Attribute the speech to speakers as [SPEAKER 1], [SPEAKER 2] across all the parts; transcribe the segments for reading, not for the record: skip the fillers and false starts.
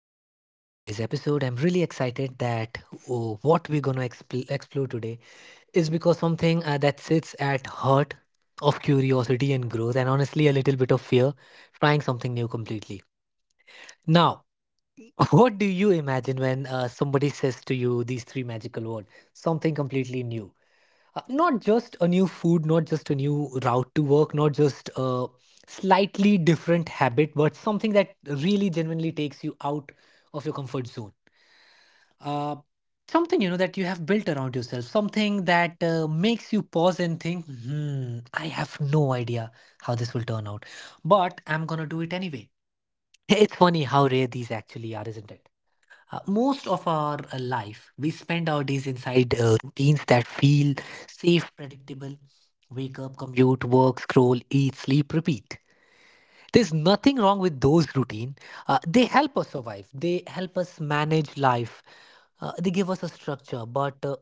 [SPEAKER 1] welcome to today's episode. I'm really excited that oh, what we're going to explore today is because something that sits at heart of curiosity and growth and honestly a little bit of fear, trying something new completely. Now, what do you imagine when somebody says to you these three magical words, something completely new? Not just a new food, not just a new route to work, not just a slightly different habit, but something that really genuinely takes you out of your comfort zone, uh, something you know that you have built around yourself, something that makes you pause and think, hmm, I have no idea how this will turn out, but I'm gonna do it anyway. It's funny how rare these actually are, isn't it? Most of our life we spend our days inside routines that feel safe, predictable. Wake up, commute, work, scroll, eat, sleep, repeat. There's nothing wrong with those routine. They help us survive, they help us manage life, they give us a structure. But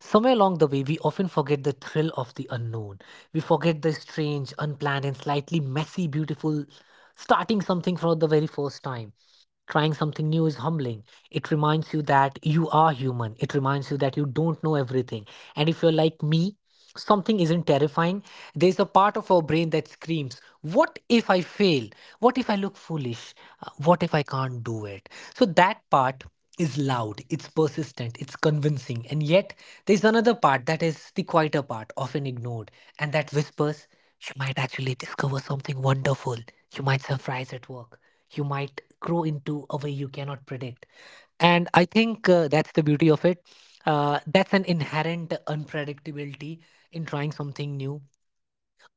[SPEAKER 1] somewhere along the way we often forget the thrill of the unknown. We forget the strange, unplanned and slightly messy, beautiful starting something for the very first time. Trying something new is humbling. It reminds you that you are human. It reminds you that you don't know everything. And if you're like me, something isn't terrifying. There's a part of our brain that screams, what if I fail? What if I look foolish? What if I can't do it? So that part is loud, it's persistent, it's convincing. And yet, there's another part that is the quieter part, often ignored, and that whispers, you might actually discover something wonderful. You might surprise at work, you might grow into a way you cannot predict. And I think that's the beauty of it. That's an inherent unpredictability in trying something new,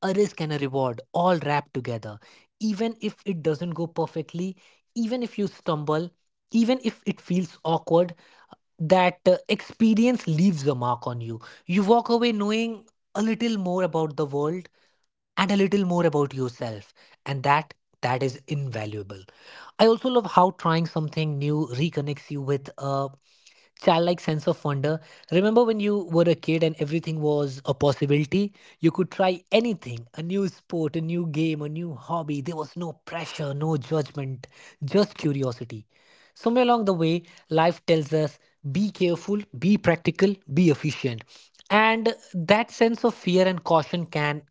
[SPEAKER 1] a risk and a reward all wrapped together. Even if it doesn't go perfectly, even if you stumble, even if it feels awkward, that experience leaves a mark on you. You walk away knowing a little more about the world and a little more about yourself. And that is invaluable. I also love how trying something new reconnects you with a childlike sense of wonder. Remember when you were a kid and everything was a possibility? You could try anything, a new sport, a new game, a new hobby. There was no pressure, no judgment, just curiosity. Somewhere along the way life tells us, be careful, be practical, be efficient. And that sense of fear and caution can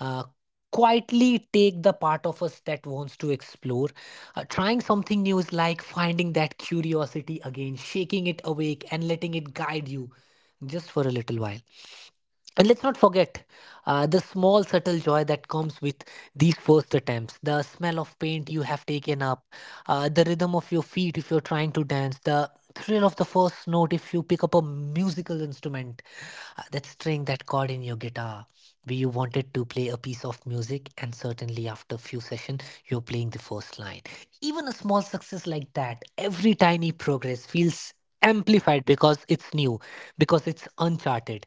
[SPEAKER 1] uh, quietly take the part of us that wants to explore. Trying something new is like finding that curiosity again, shaking it awake, and letting it guide you just for a little while. And let's not forget the small, subtle joy that comes with these first attempts. The smell of paint you have taken up, the rhythm of your feet if you're trying to dance, the thrill of the first note if you pick up a musical instrument, that string, that chord in your guitar, where you wanted to play a piece of music, and certainly after few sessions, you're playing the first line. Even a small success like that, every tiny progress feels amplified because it's new, because it's uncharted.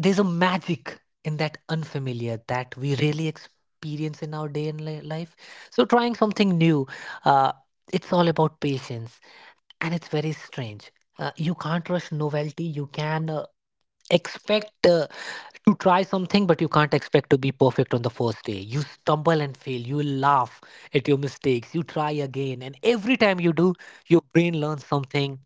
[SPEAKER 1] There's a magic in that unfamiliar that we really experience in our day and life. So trying something new, uh, it's all about patience. And it's very strange. You can't rush novelty. You can expect to try something, but you can't expect to be perfect on the first day. You stumble and fail, you laugh at your mistakes, you try again, and every time you do, your brain learns something,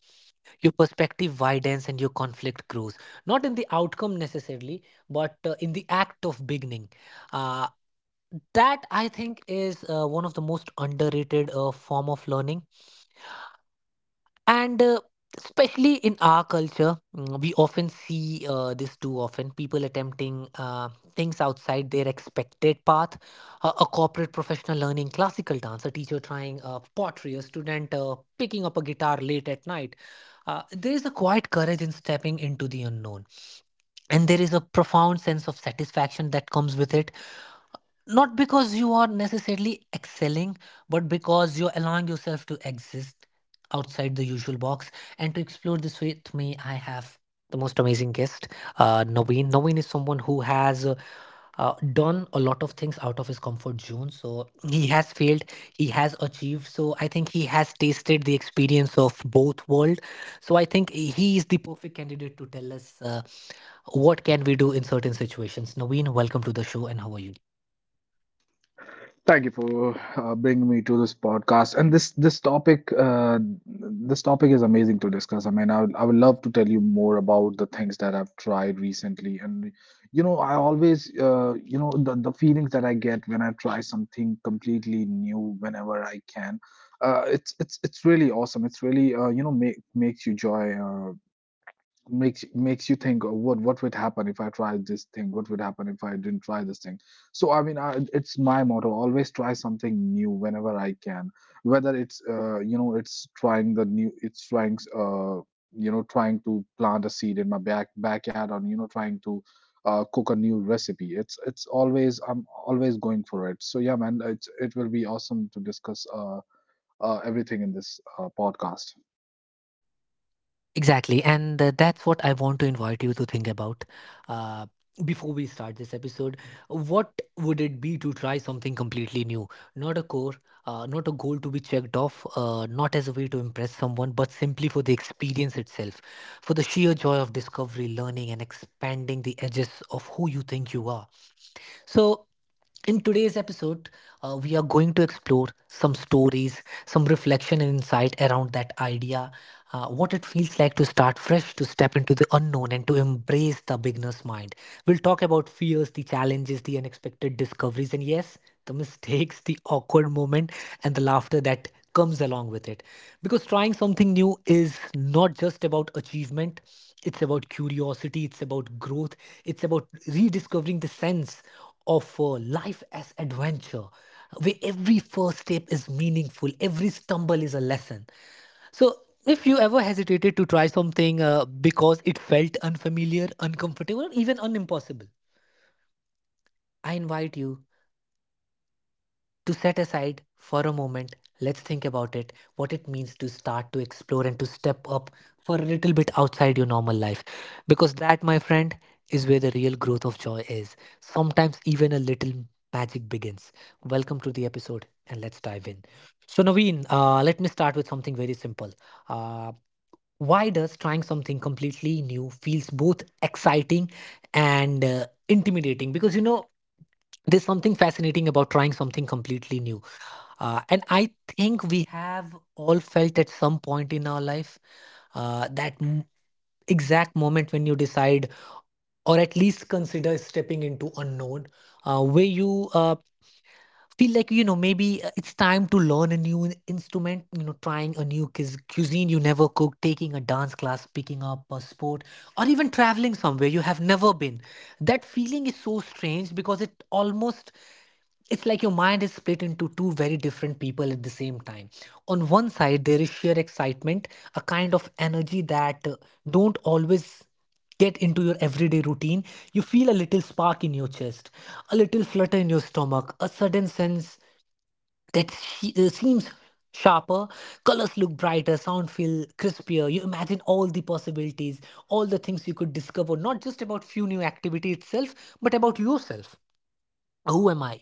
[SPEAKER 1] your perspective widens and your conflict grows, not in the outcome necessarily, but in the act of beginning. Uh, that i think is uh, one of the most underrated form of learning. And especially in our culture, we often see this too often, people attempting things outside their expected path. A corporate professional learning classical dance, a teacher trying pottery, a student picking up a guitar late at night. There is a quiet courage in stepping into the unknown, and there is a profound sense of satisfaction that comes with it, not because you are necessarily excelling, but because you're allowing yourself to exist outside the usual box. And to explore this with me, I have the most amazing guest, Naveen. Naveen is someone who has done a lot of things out of his comfort zone. So he has failed, he has achieved. So I think he has tasted the experience of both world. So I think he is the perfect candidate to tell us what can we do in certain situations. Naveen, welcome to the show, and how are you?
[SPEAKER 2] Thank you for bringing me to this podcast. And this topic this topic is amazing to discuss. I mean, I would love to tell you more about the things that I've tried recently. And you know, I always the feelings that I get when I try something completely new whenever I can. It's really awesome. It's really you know makes you joy. Makes you think, oh, what would happen if I tried this thing, what would happen if I didn't try this thing? So it's my motto, always try something new whenever I can, whether it's you know it's trying the new, it's trying you know trying to plant a seed in my backyard or you know trying to cook a new recipe. It's always, I'm always going for it. So yeah, man, it will be awesome to discuss everything in this podcast.
[SPEAKER 1] Exactly, and that's what I want to invite you to think about. Uh, Before we start this episode, what would it be to try something completely new? Not a core, not a goal to be checked off, not as a way to impress someone, but simply for the experience itself, for the sheer joy of discovery, learning, and expanding the edges of who you think you are. So, in today's episode, we are going to explore some stories, some reflection and insight around that idea, what it feels like to start fresh, to step into the unknown, and to embrace the beginner's mind. We'll talk about fears, the challenges, the unexpected discoveries, and yes, the mistakes, the awkward moment, and the laughter that comes along with it. Because trying something new is not just about achievement, it's about curiosity, it's about growth, it's about rediscovering the sense of life as adventure, where every first step is meaningful, every stumble is a lesson. So if you ever hesitated to try something because it felt unfamiliar, uncomfortable or even unimpossible, I invite you to set aside for a moment, let's think about it, what it means to start, to explore and to step up for a little bit outside your normal life. Because that, my friend, is where the real growth of joy is. Sometimes even a little magic begins. Welcome to the episode and let's dive in. So, Naveen, let me start with something very simple. Uh, why does trying something completely new feels both exciting and intimidating? Because you know, there's something fascinating about trying something completely new, and I think we have all felt at some point in our life that exact moment when you decide, or at least consider stepping into unknown, where you feel like, you know, maybe it's time to learn a new instrument, you know, trying a new cuisine you never cooked, taking a dance class, picking up a sport, or even traveling somewhere you have never been. That feeling is so strange because it almost, it's like your mind is split into two very different people at the same time. On one side there is sheer excitement, a kind of energy that don't always get into your everyday routine. You feel a little spark in your chest, a little flutter in your stomach, a sudden sense that she, seems sharper, colors look brighter, sound feel crispier. You imagine all the possibilities, all the things you could discover, not just about few new activity itself, but about yourself. Who am I?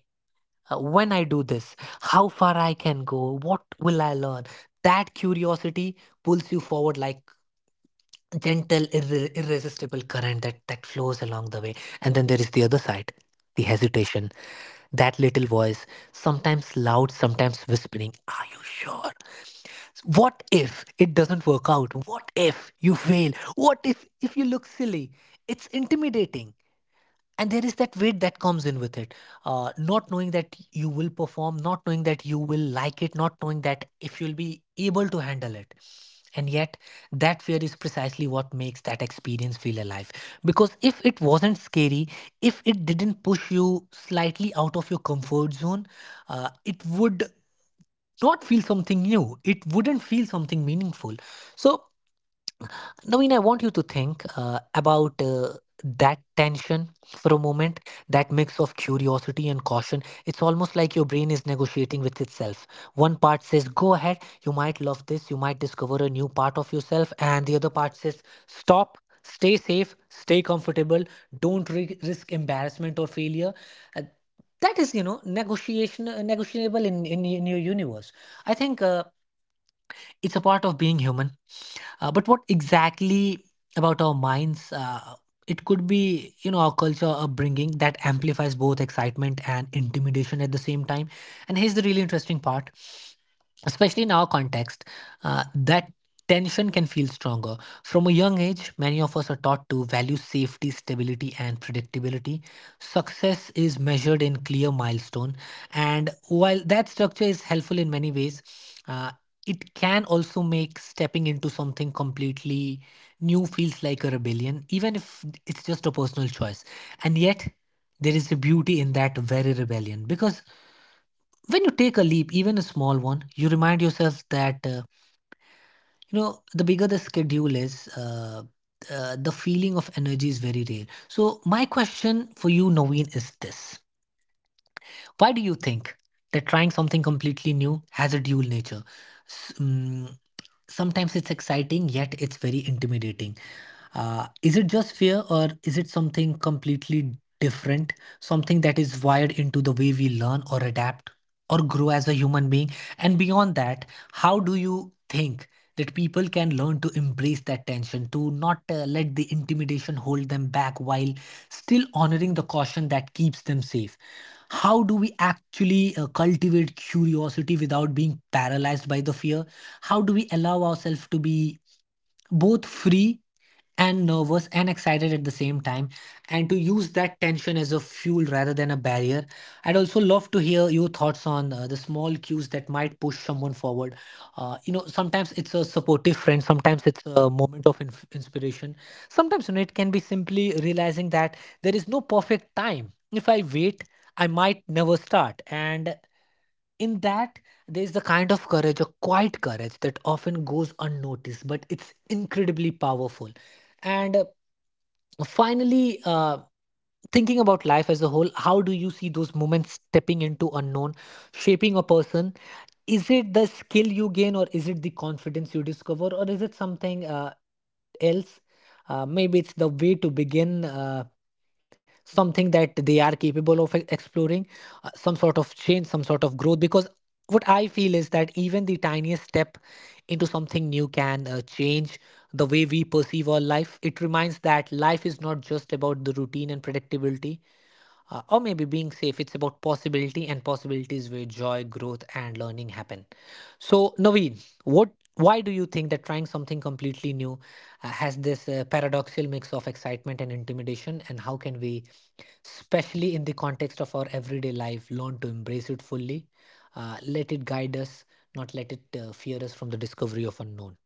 [SPEAKER 1] When I do this, how far I can go, what will I learn? That curiosity pulls you forward like gentle irresistible current that flows along the way. And then there is the other side, the hesitation, that little voice, sometimes loud, sometimes whispering, are you sure? What if it doesn't work out? What if you fail? What if you look silly? It's intimidating. And there is that weight that comes in with it, not knowing that you will perform, not knowing that you will like it, not knowing that if you'll be able to handle it. And yet, that fear is precisely what makes that experience feel alive. Because if it wasn't scary, if it didn't push you slightly out of your comfort zone, it would not feel something new, it wouldn't feel something meaningful. So, Naveen, I want you to think about that tension for a moment, that mix of curiosity and caution. It's almost like your brain is negotiating with itself. One part says, go ahead, you might love this, you might discover a new part of yourself. And the other part says, stop, stay safe, stay comfortable, don't risk embarrassment or failure. Uh, that is, you know, negotiation, negotiable in your universe. I think it's a part of being human, but what exactly about our minds? It could be, you know, our culture upbringing that amplifies both excitement and intimidation at the same time. And here's the really interesting part, especially in our context, that tension can feel stronger. From a young age, many of us are taught to value safety, stability, and predictability. Success is measured in clear milestone, and while that structure is helpful in many ways, uh, it can also make stepping into something completely new feels like a rebellion, even if it's just a personal choice. And yet, there is a beauty in that very rebellion, because when you take a leap, even a small one, you remind yourself that, you know, the bigger the schedule is, the feeling of energy is very real. So my question for you, Naveen, is this: why do you think that trying something completely new has a dual nature? S- mm, Sometimes it's exciting, yet it's very intimidating. Is it just fear, or is it something completely different? Something that is wired into the way we learn or adapt or grow as a human being? And beyond that, how do you think that people can learn to embrace that tension, to not let the intimidation hold them back while still honoring the caution that keeps them safe? How do we actually cultivate curiosity without being paralyzed by the fear? How do we allow ourselves to be both free and nervous and excited at the same time, and to use that tension as a fuel rather than a barrier? I'd also love to hear your thoughts on the small cues that might push someone forward. You know, sometimes it's a supportive friend, sometimes it's a moment of inspiration, sometimes, you know, it can be simply realizing that there is no perfect time. If I wait, I might never start. And in that, there is the kind of courage, a quiet courage, that often goes unnoticed, but it's incredibly powerful. And finally, thinking about life as a whole, how do you see those moments stepping into unknown shaping a person? Is it the skill you gain, or is it the confidence you discover, or is it something else? Maybe it's the way to begin something that they are capable of exploring, some sort of change, some sort of growth. Because what I feel is that even the tiniest step into something new can change the way we perceive our life. It reminds that life is not just about the routine and predictability, or maybe being safe, it's about possibility, and possibilities where joy, growth, and learning happen. So, Naveen, what, why do you think that trying something completely new has this paradoxical mix of excitement and intimidation? And how can we, especially in the context of our everyday life, learn to embrace it fully, let it guide us, not let it fear us from the discovery of unknown?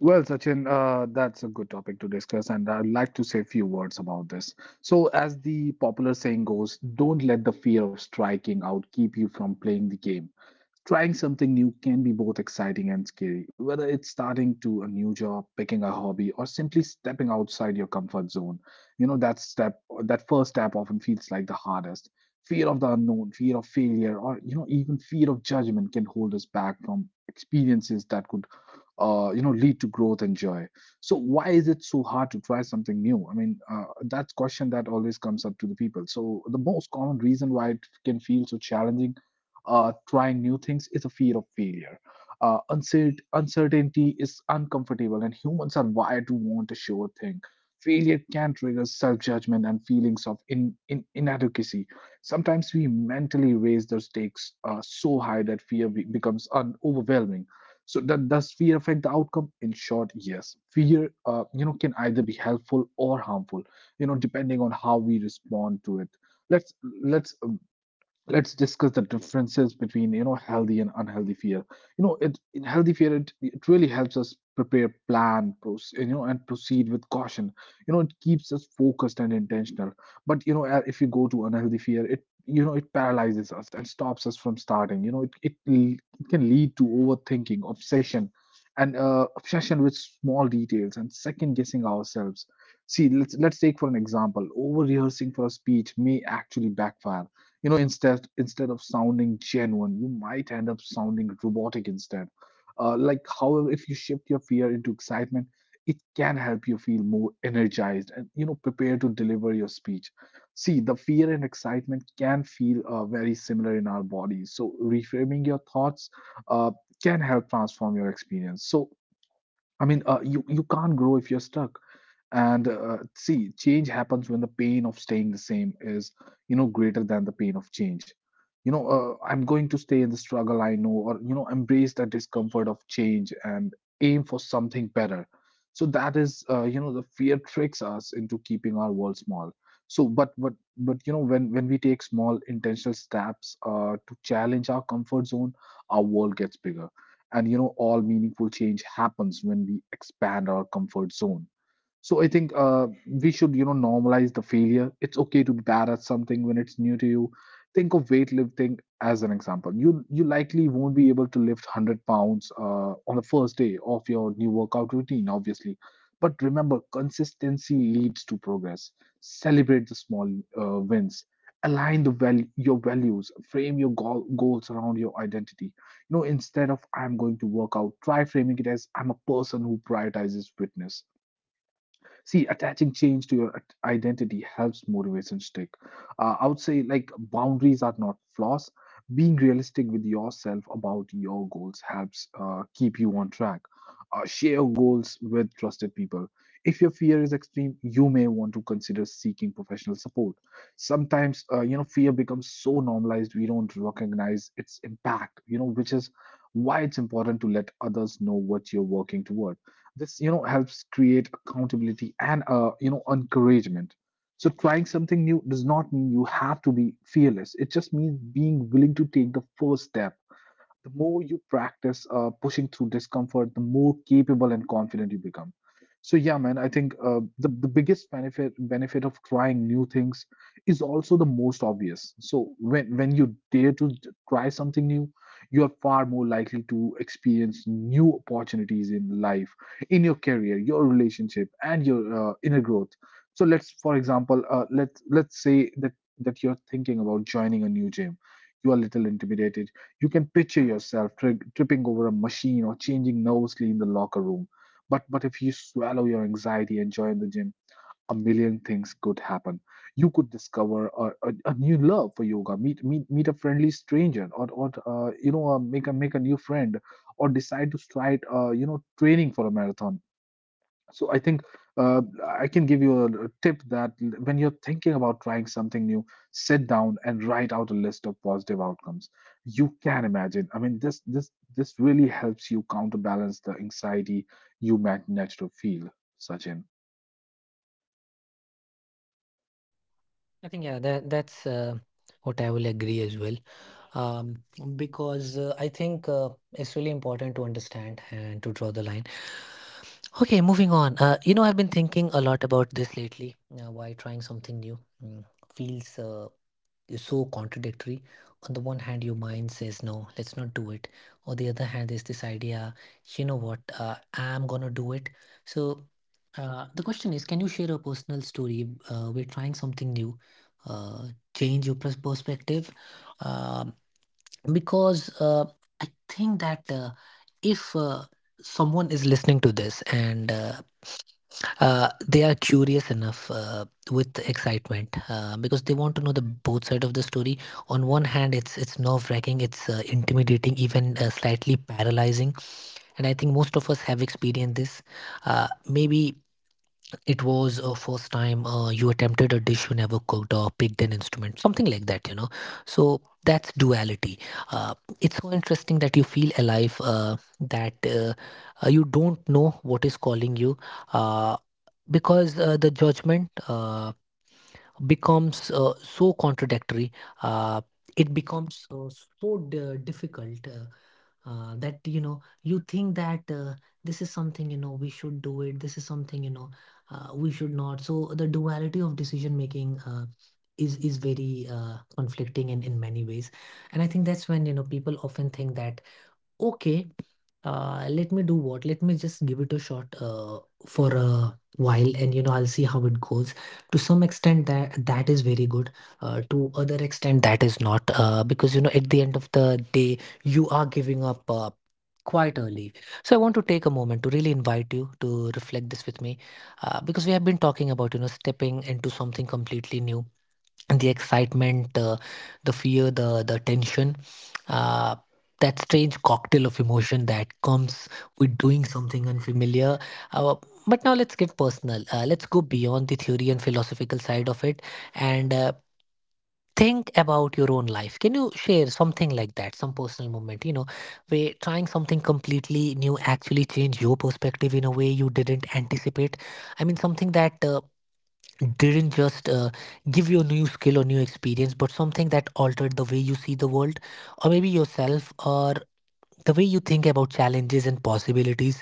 [SPEAKER 2] Well, Sachin, that's a good topic to discuss, and I'd like to say a few words about this. So, as the popular saying goes, don't let the fear of striking out keep you from playing the game. Trying something new can be both exciting and scary, whether it's starting to a new job, picking a hobby, or simply stepping outside your comfort zone. You know, that step, that first step often feels like the hardest. Fear of the unknown, fear of failure, or you know, even fear of judgment can hold us back from experiences that could you know lead to growth and joy. So why is it so hard to try something new? I mean that's question that always comes up to the people. So the most common reason why it can feel so challenging, trying new things is a fear of failure. Uncertainty is uncomfortable and humans are wired to want a sure thing. Failure can trigger self-judgment and feelings of inadequacy. Sometimes we mentally raise the stakes so high that fear becomes overwhelming. So that does fear affect the outcome? In short, yes. Fear, you know, can either be helpful or harmful, you know, depending on how we respond to it. Let's let's let's discuss the differences between you know healthy and unhealthy fear. You know, it in healthy fear, it really helps us prepare, plan, you know, and proceed with caution. You know, it keeps us focused and intentional. But you know, if you go to unhealthy fear, it you know it paralyzes us and stops us from starting. You know, it can lead to overthinking, obsession, and obsession with small details and second guessing ourselves. See, let's take for an example, over rehearsing for a speech may actually backfire. You know, instead of sounding genuine, you might end up sounding robotic instead. Like however, if you shift your fear into excitement, it can help you feel more energized and you know prepare to deliver your speech. See, the fear and excitement can feel very similar in our bodies, so reframing your thoughts uh, can help transform your experience. So I mean, you can't grow if you're stuck. And see, change happens when the pain of staying the same is, you know, greater than the pain of change. You know, I'm going to stay in the struggle I know, or you know, embrace the discomfort of change and aim for something better. So that is, you know, the fear tricks us into keeping our world small. So, but you know, when we take small intentional steps to challenge our comfort zone, our world gets bigger, and you know, all meaningful change happens when we expand our comfort zone. So I think we should, you know, normalize the failure. It's okay to be bad at something when it's new to you. Think of weightlifting as an example. You likely won't be able to lift 100 pounds on the first day of your new workout routine, obviously. But remember, consistency leads to progress. Celebrate the small wins. Align the your values. Frame your goals around your identity. You know, instead of I'm going to work out, try framing it as I'm a person who prioritizes fitness. See, attaching change to your identity helps motivation stick. I would say, like, boundaries are not flaws. Being realistic with yourself about your goals helps keep you on track. Share your goals with trusted people. If your fear is extreme, you may want to consider seeking professional support. Sometimes, you know, fear becomes so normalized we don't recognize its impact, you know, which is why it's important to let others know what you're working toward. This you know helps create accountability and you know encouragement. So trying something new does not mean you have to be fearless, it just means being willing to take the first step. The more you practice pushing through discomfort, the more capable and confident you become. So yeah, man, I think the biggest benefit of trying new things is also the most obvious. So when you dare to try something new, you are far more likely to experience new opportunities in life, in your career, your relationship, and your inner growth. So let's, for example, let's say that you're thinking about joining a new gym. You are a little intimidated, you can picture yourself tripping over a machine or changing nervously in the locker room. But if you swallow your anxiety and join the gym, a million things could happen. You could discover a new love for yoga, meet a friendly stranger, or you know make a new friend, or decide to start you know training for a marathon. So I think uh, I can give you a tip that when you're thinking about trying something new, sit down and write out a list of positive outcomes you can imagine. I mean, this really helps you counterbalance the anxiety you might naturally feel, Sachin.
[SPEAKER 1] I think, yeah, that's what I will agree as well. um, because I think it's really important to understand and to draw the line. Okay, moving on. You know, I've been thinking a lot about this lately, why trying something new mm, feels is so contradictory. On the one hand, your mind says, no, let's not do it. On the other hand, there's this idea, you know what, I'm gonna do it. So, the question is, can you share a personal story where trying something new uh, change your perspective? Um because I think that, uh, if someone is listening to this, and they are curious enough with excitement because they want to know the both side of the story. On one hand, it's nerve wracking, it's intimidating, even slightly paralyzing, and I think most of us have experienced this. Maybe it was a first time you attempted a dish you never cooked or picked an instrument, something like that, you know. So that's duality. Uh, it's so interesting that you feel alive, that you don't know what is calling you, uh, because the judgment becomes so contradictory. Uh, it becomes so d- difficult, that you know, you think that, this is something, you know, we should do it. This is something, you know, we should not. So the duality of decision making, is very conflicting in many ways. And I think that's when, you know, people often think that, okay, let me do what? Let me just give it a shot for a while, and, you know, I'll see how it goes. To some extent, that is very good. To other extent, that is not. Because you know, at the end of the day, you are giving up quite early. So I want to take a moment to really invite you to reflect this with me, because we have been talking about, you know, stepping into something completely new, the excitement, the fear, the tension, uh, that strange cocktail of emotion that comes with doing something unfamiliar. Uh, but now let's get personal. Let's go beyond the theory and philosophical side of it and. Think about your own life. Can you share something like that, some personal moment, you know, where trying something completely new actually changed your perspective in a way you didn't anticipate? I mean, something that didn't just give you a new skill or new experience, but something that altered the way you see the world, or maybe yourself, or the way you think about challenges and possibilities.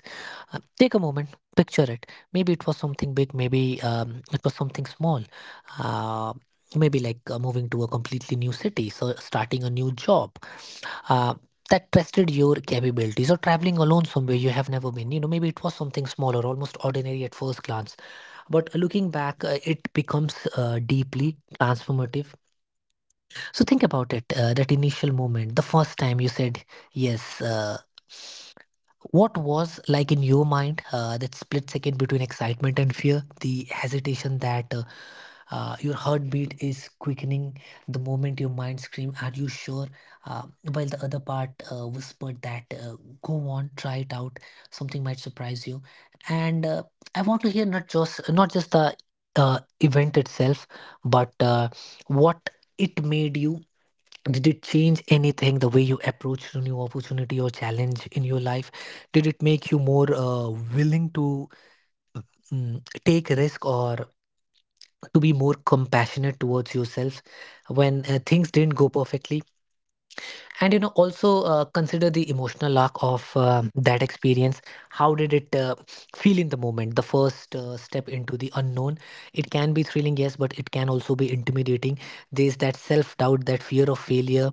[SPEAKER 1] Take a moment, picture it. Maybe it was something big, maybe it was something small. Uh, maybe like moving to a completely new city, so starting a new job, Uh, that tested your capabilities, or traveling alone somewhere you have never been, you know. Maybe it was something small or almost ordinary at first glance, but looking back, it becomes deeply transformative. So think about it, that initial moment, the first time you said yes. What was like in your mind, that split second between excitement and fear, the hesitation that your heartbeat is quickening, the moment your mind scream, are you sure? uh, while the other part whispered that, go on, try it out, something might surprise you. And I want to hear, not just, not just the event itself, but what it made you. Did it change anything, the way you approached a new opportunity or challenge in your life? Did it make you more willing to, take risk, or to be more compassionate towards yourself when things didn't go perfectly? And you know, also consider the emotional arc of that experience. How did it feel in the moment, the first step into the unknown? It can be thrilling, yes, but it can also be intimidating. There's that self doubt, that fear of failure,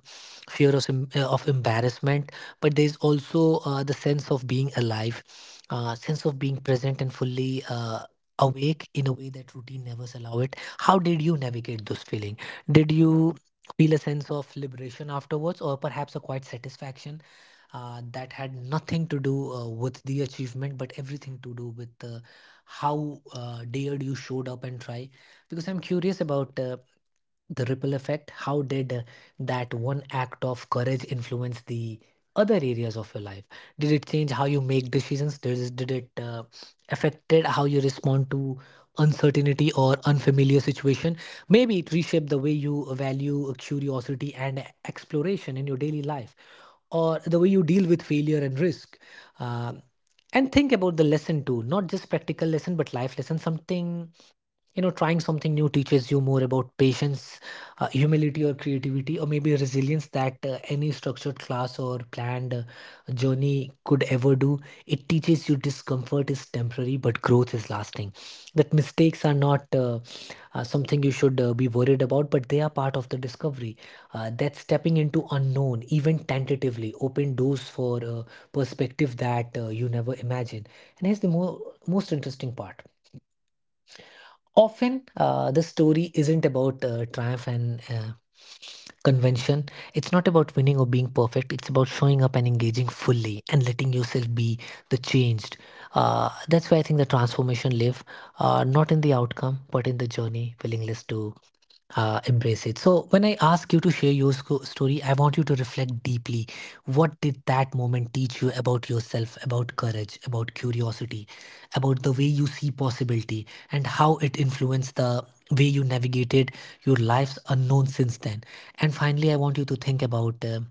[SPEAKER 1] fear of embarrassment. But there's also the sense of being alive, sense of being present and fully awake in a way that routine never allow it. How did you navigate those feeling? Did you feel a sense of liberation afterwards, or perhaps a quiet satisfaction that had nothing to do with the achievement, but everything to do with how dared you showed up and try. Because I'm curious about the ripple effect. How did that one act of courage influence the other areas of your life? Did it change how you make decisions? Did it affected how you respond to uncertainty or unfamiliar situation? Maybe it reshaped the way you value curiosity and exploration in your daily life, or the way you deal with failure and risk. Um and think about the lesson too, not just practical lesson, but life lesson. Something, you know, trying something new teaches you more about patience, humility, or creativity, or maybe resilience, that any structured class or planned journey could ever do. It teaches you discomfort is temporary, but growth is lasting. That mistakes are not something you should be worried about, but they are part of the discovery. That stepping into unknown, even tentatively, open doors for perspective that you never imagined. And here's the most interesting part. Often, the story isn't about triumph and convention. It's not about winning or being perfect. It's about showing up and engaging fully and letting yourself be the changed. That's why I think the transformation live, not in the outcome, but in the journey, willingness to embrace it. So, when I ask you to share your story, I want you to reflect deeply. What did that moment teach you about yourself, about courage, about curiosity, about the way you see possibility, and how it influenced the way you navigated your life's unknown since then? And finally, I want you to think about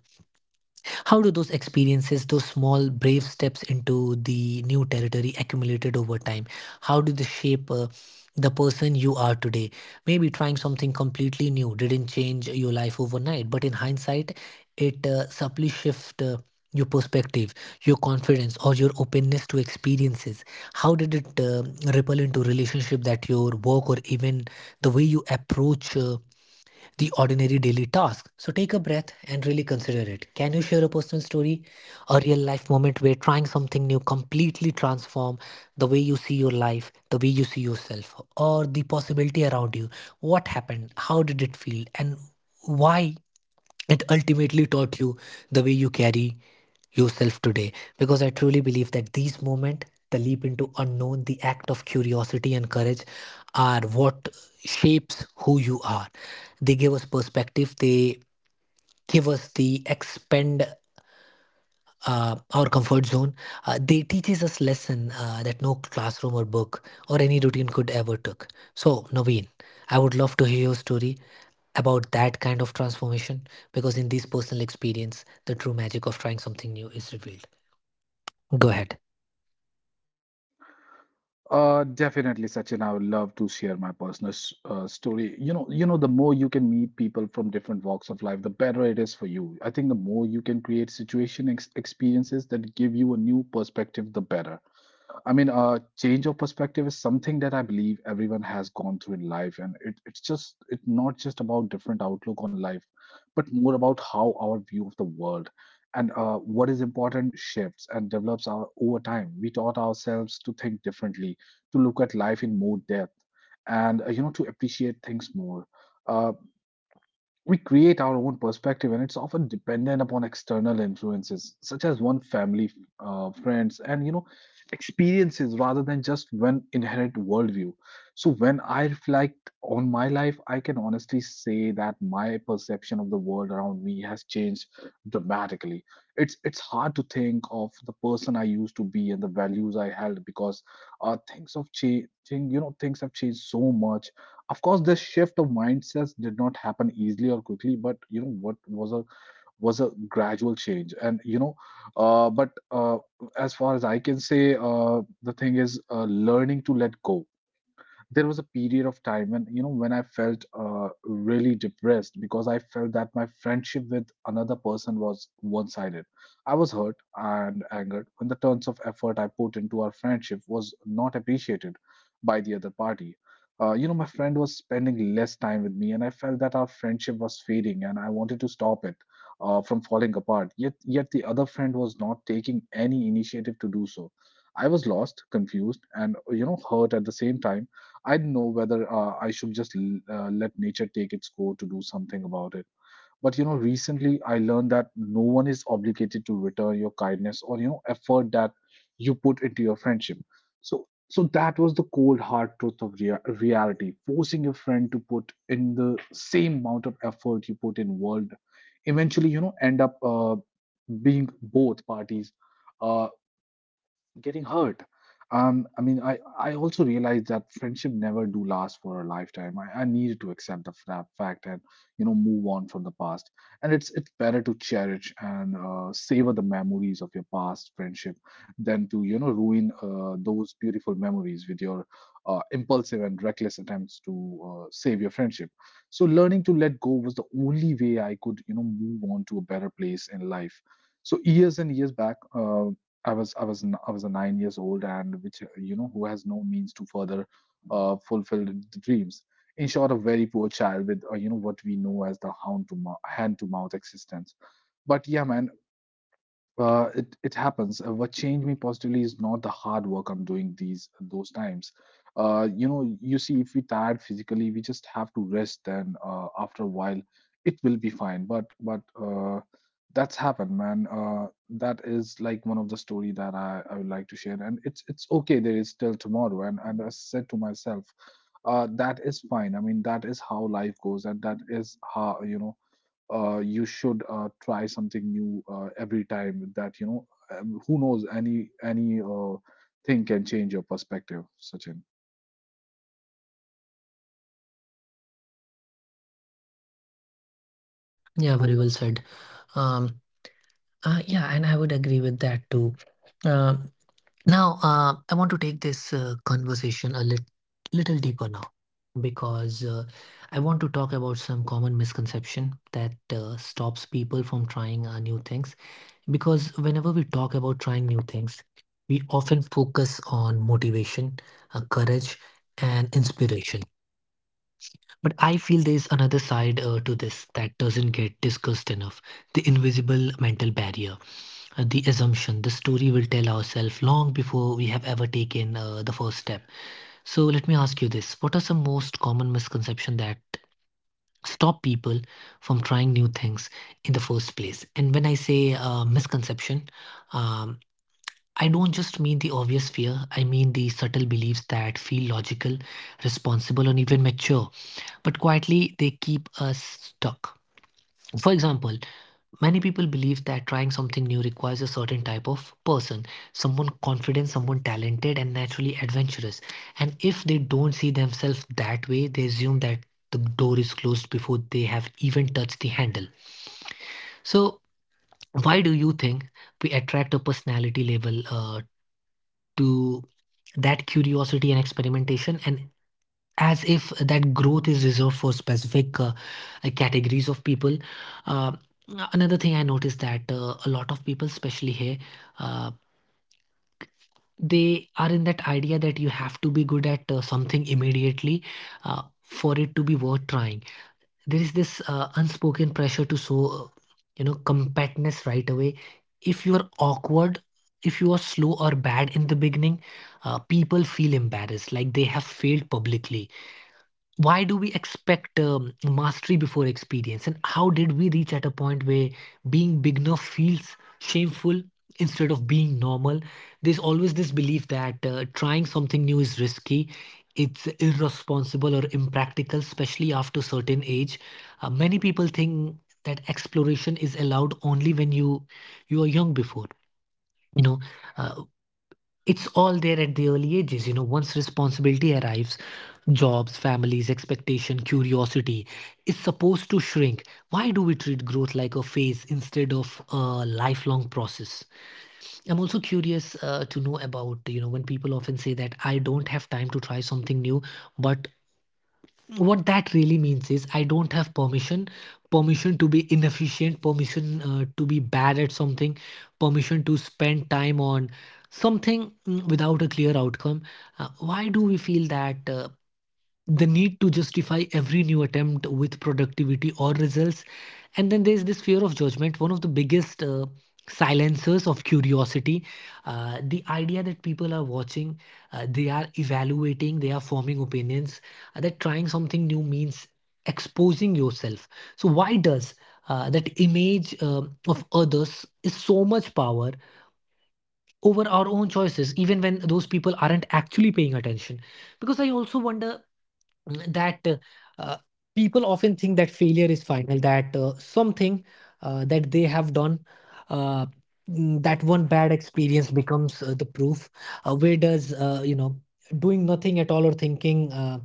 [SPEAKER 1] how do those experiences, those small brave steps into the new territory accumulated over time, how do they shape the person you are today? Maybe trying something completely new didn't change your life overnight, but in hindsight, it subtly shift your perspective, your confidence, or your openness to experiences. How did it ripple into relationship that your work or even the way you approach? The ordinary daily tasks. So take a breath and really consider it. Can you share a personal story, a real life moment where trying something new completely transform the way you see your life, the way you see yourself, or the possibility around you? What happened? How did it feel? And why it ultimately taught you the way you carry yourself today, because I truly believe that these moments, the leap into unknown, the act of curiosity and courage are what shapes who you are. They give us perspective, they give us the expand our comfort zone. They teaches us lesson that no classroom or book or any routine could ever took. So, Naveen, I would love to hear your story about that kind of transformation, because in this personal experience, the true magic of trying something new is revealed. Go ahead.
[SPEAKER 2] Definitely, Sachin. I would love to share my personal story. You know, the more you can meet people from different walks of life, the better it is for you. I think the more you can create situation ex experiences that give you a new perspective, the better. I mean, change of perspective is something that I believe everyone has gone through in life, and it's just it's not just about different outlook on life, but more about how our view of the world and what is important shifts and develops our over time. We taught ourselves to think differently, to look at life in more depth, and you know to appreciate things more. Uh, we create our own perspective, and it's often dependent upon external influences, such as one family, friends, and you know, experiences rather than just one inherent worldview. So, when I reflect on my life, I can honestly say that my perception of the world around me has changed dramatically. It's hard to think of the person I used to be and the values I held because things have changed. You know, things have changed so much. Of course, this shift of mindsets did not happen easily or quickly, but you know what was a gradual change. And you know but as far as I can say, the thing is learning to let go. There was a period of time when you know when I felt really depressed because I felt that my friendship with another person was one sided I was hurt and angered when the tons of effort I put into our friendship was not appreciated by the other party. You know, my friend was spending less time with me and I felt that our friendship was fading and I wanted to stop it from falling apart, yet the other friend was not taking any initiative to do so. I was lost, confused, and you know hurt at the same time. I didn't know whether I should just let nature take its course to do something about it. But you know, recently I learned that no one is obligated to return your kindness or you know effort that you put into your friendship. So, that was the cold hard truth of reality. Forcing your friend to put in the same amount of effort you put in world, eventually you know end up being both parties. Uh, Getting hurt. I also realized that friendship never do last for a lifetime. I needed to accept the fact and, move on from the past. And it's better to cherish and savor the memories of your past friendship than to, ruin those beautiful memories with your impulsive and reckless attempts to save your friendship. So learning to let go was the only way I could, move on to a better place in life. So years and years back. I was a 9 years old and which who has no means to further fulfill the dreams. In short, a very poor child with what we know as the hand to mouth existence. But yeah, man, it happens. What changed me positively is not the hard work I'm doing these those times. You see, if we tired physically, we just have to rest, and after a while, it will be fine. But that's happened, man. That is like one of the story that I would like to share, and it's okay. There is still tomorrow, and I said to myself, that is fine. I mean, that is how life goes, and that is how you should try something new every time that who knows any thing can change your perspective, Sachin.
[SPEAKER 1] Yeah, very well said. Um, yeah, and I would agree with that too. Uh, Now, I want to take this conversation a little deeper now, because I want to talk about some common misconception that stops people from trying new things. Because whenever we talk about trying new things, we often focus on motivation, courage, and inspiration. But I feel there's another side to this that doesn't get discussed enough, the invisible mental barrier, the assumption the story will tell ourselves long before we have ever taken the first step. So let me ask you this. What are some most common misconceptions that stop people from trying new things in the first place? And when I say misconception, um, I don't just mean the obvious fear, I mean the subtle beliefs that feel logical, responsible, and even mature, but quietly they keep us stuck. For example, many people believe that trying something new requires a certain type of person, someone confident, someone talented, and naturally adventurous. And if they don't see themselves that way, they assume that the door is closed before they have even touched the handle. So, why do you think we attract a personality label to that curiosity and experimentation? And as if that growth is reserved for specific categories of people. Uh, Another thing I noticed that a lot of people, especially here, uh, they are in that idea that you have to be good at something immediately, for it to be worth trying. There is this unspoken pressure to show, uh, compactness right away. If you are awkward, if you are slow or bad in the beginning, people feel embarrassed, like they have failed publicly. Why do we expect mastery before experience, and how did we reach at a point where being beginner feels shameful instead of being normal? There's always this belief that trying something new is risky, it's irresponsible or impractical, especially after certain age. Many people think that exploration is allowed only when you are young, before you know uh, it's all there at the early ages. You know, once responsibility arrives, jobs, families, expectation, curiosity is supposed to shrink. Why do we treat growth like a phase instead of a lifelong process? I'm also curious to know about, when people often say that I don't have time to try something new, but what that really means is I don't have permission, permission to be inefficient, permission to be bad at something, permission to spend time on something, without a clear outcome. Why do we feel that? The need to justify every new attempt with productivity or results. And then there's this fear of judgment, one of the biggest silencers of curiosity, the idea that people are watching, they are evaluating, they are forming opinions, that trying something new means exposing yourself. So why does that image of others is so much power over our own choices, even when those people aren't actually paying attention? Because I also wonder that uh, people often think that failure is final, that something that they have done, uh, that one bad experience becomes the proof. Where does, doing nothing at all or thinking uh,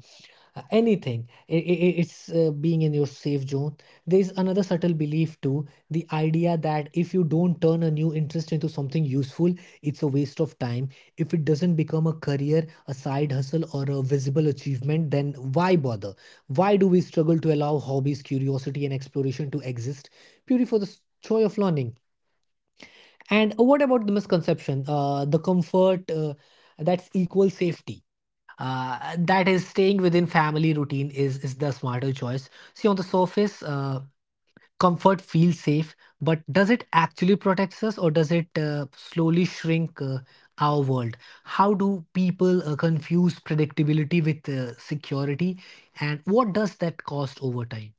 [SPEAKER 1] uh, anything, it's being in your safe zone. There's another subtle belief too, the idea that if you don't turn a new interest into something useful, it's a waste of time. If it doesn't become a career, a side hustle, or a visible achievement, then why bother? Why do we struggle to allow hobbies, curiosity, and exploration to exist purely for the joy of learning? And what about the misconception the comfort that's equal safety, that is staying within family routine, is the smarter choice. See, on the surface, comfort feels safe, but does it actually protect us, or does it slowly shrink our world? How do people confuse predictability with security, and what does that cost over time?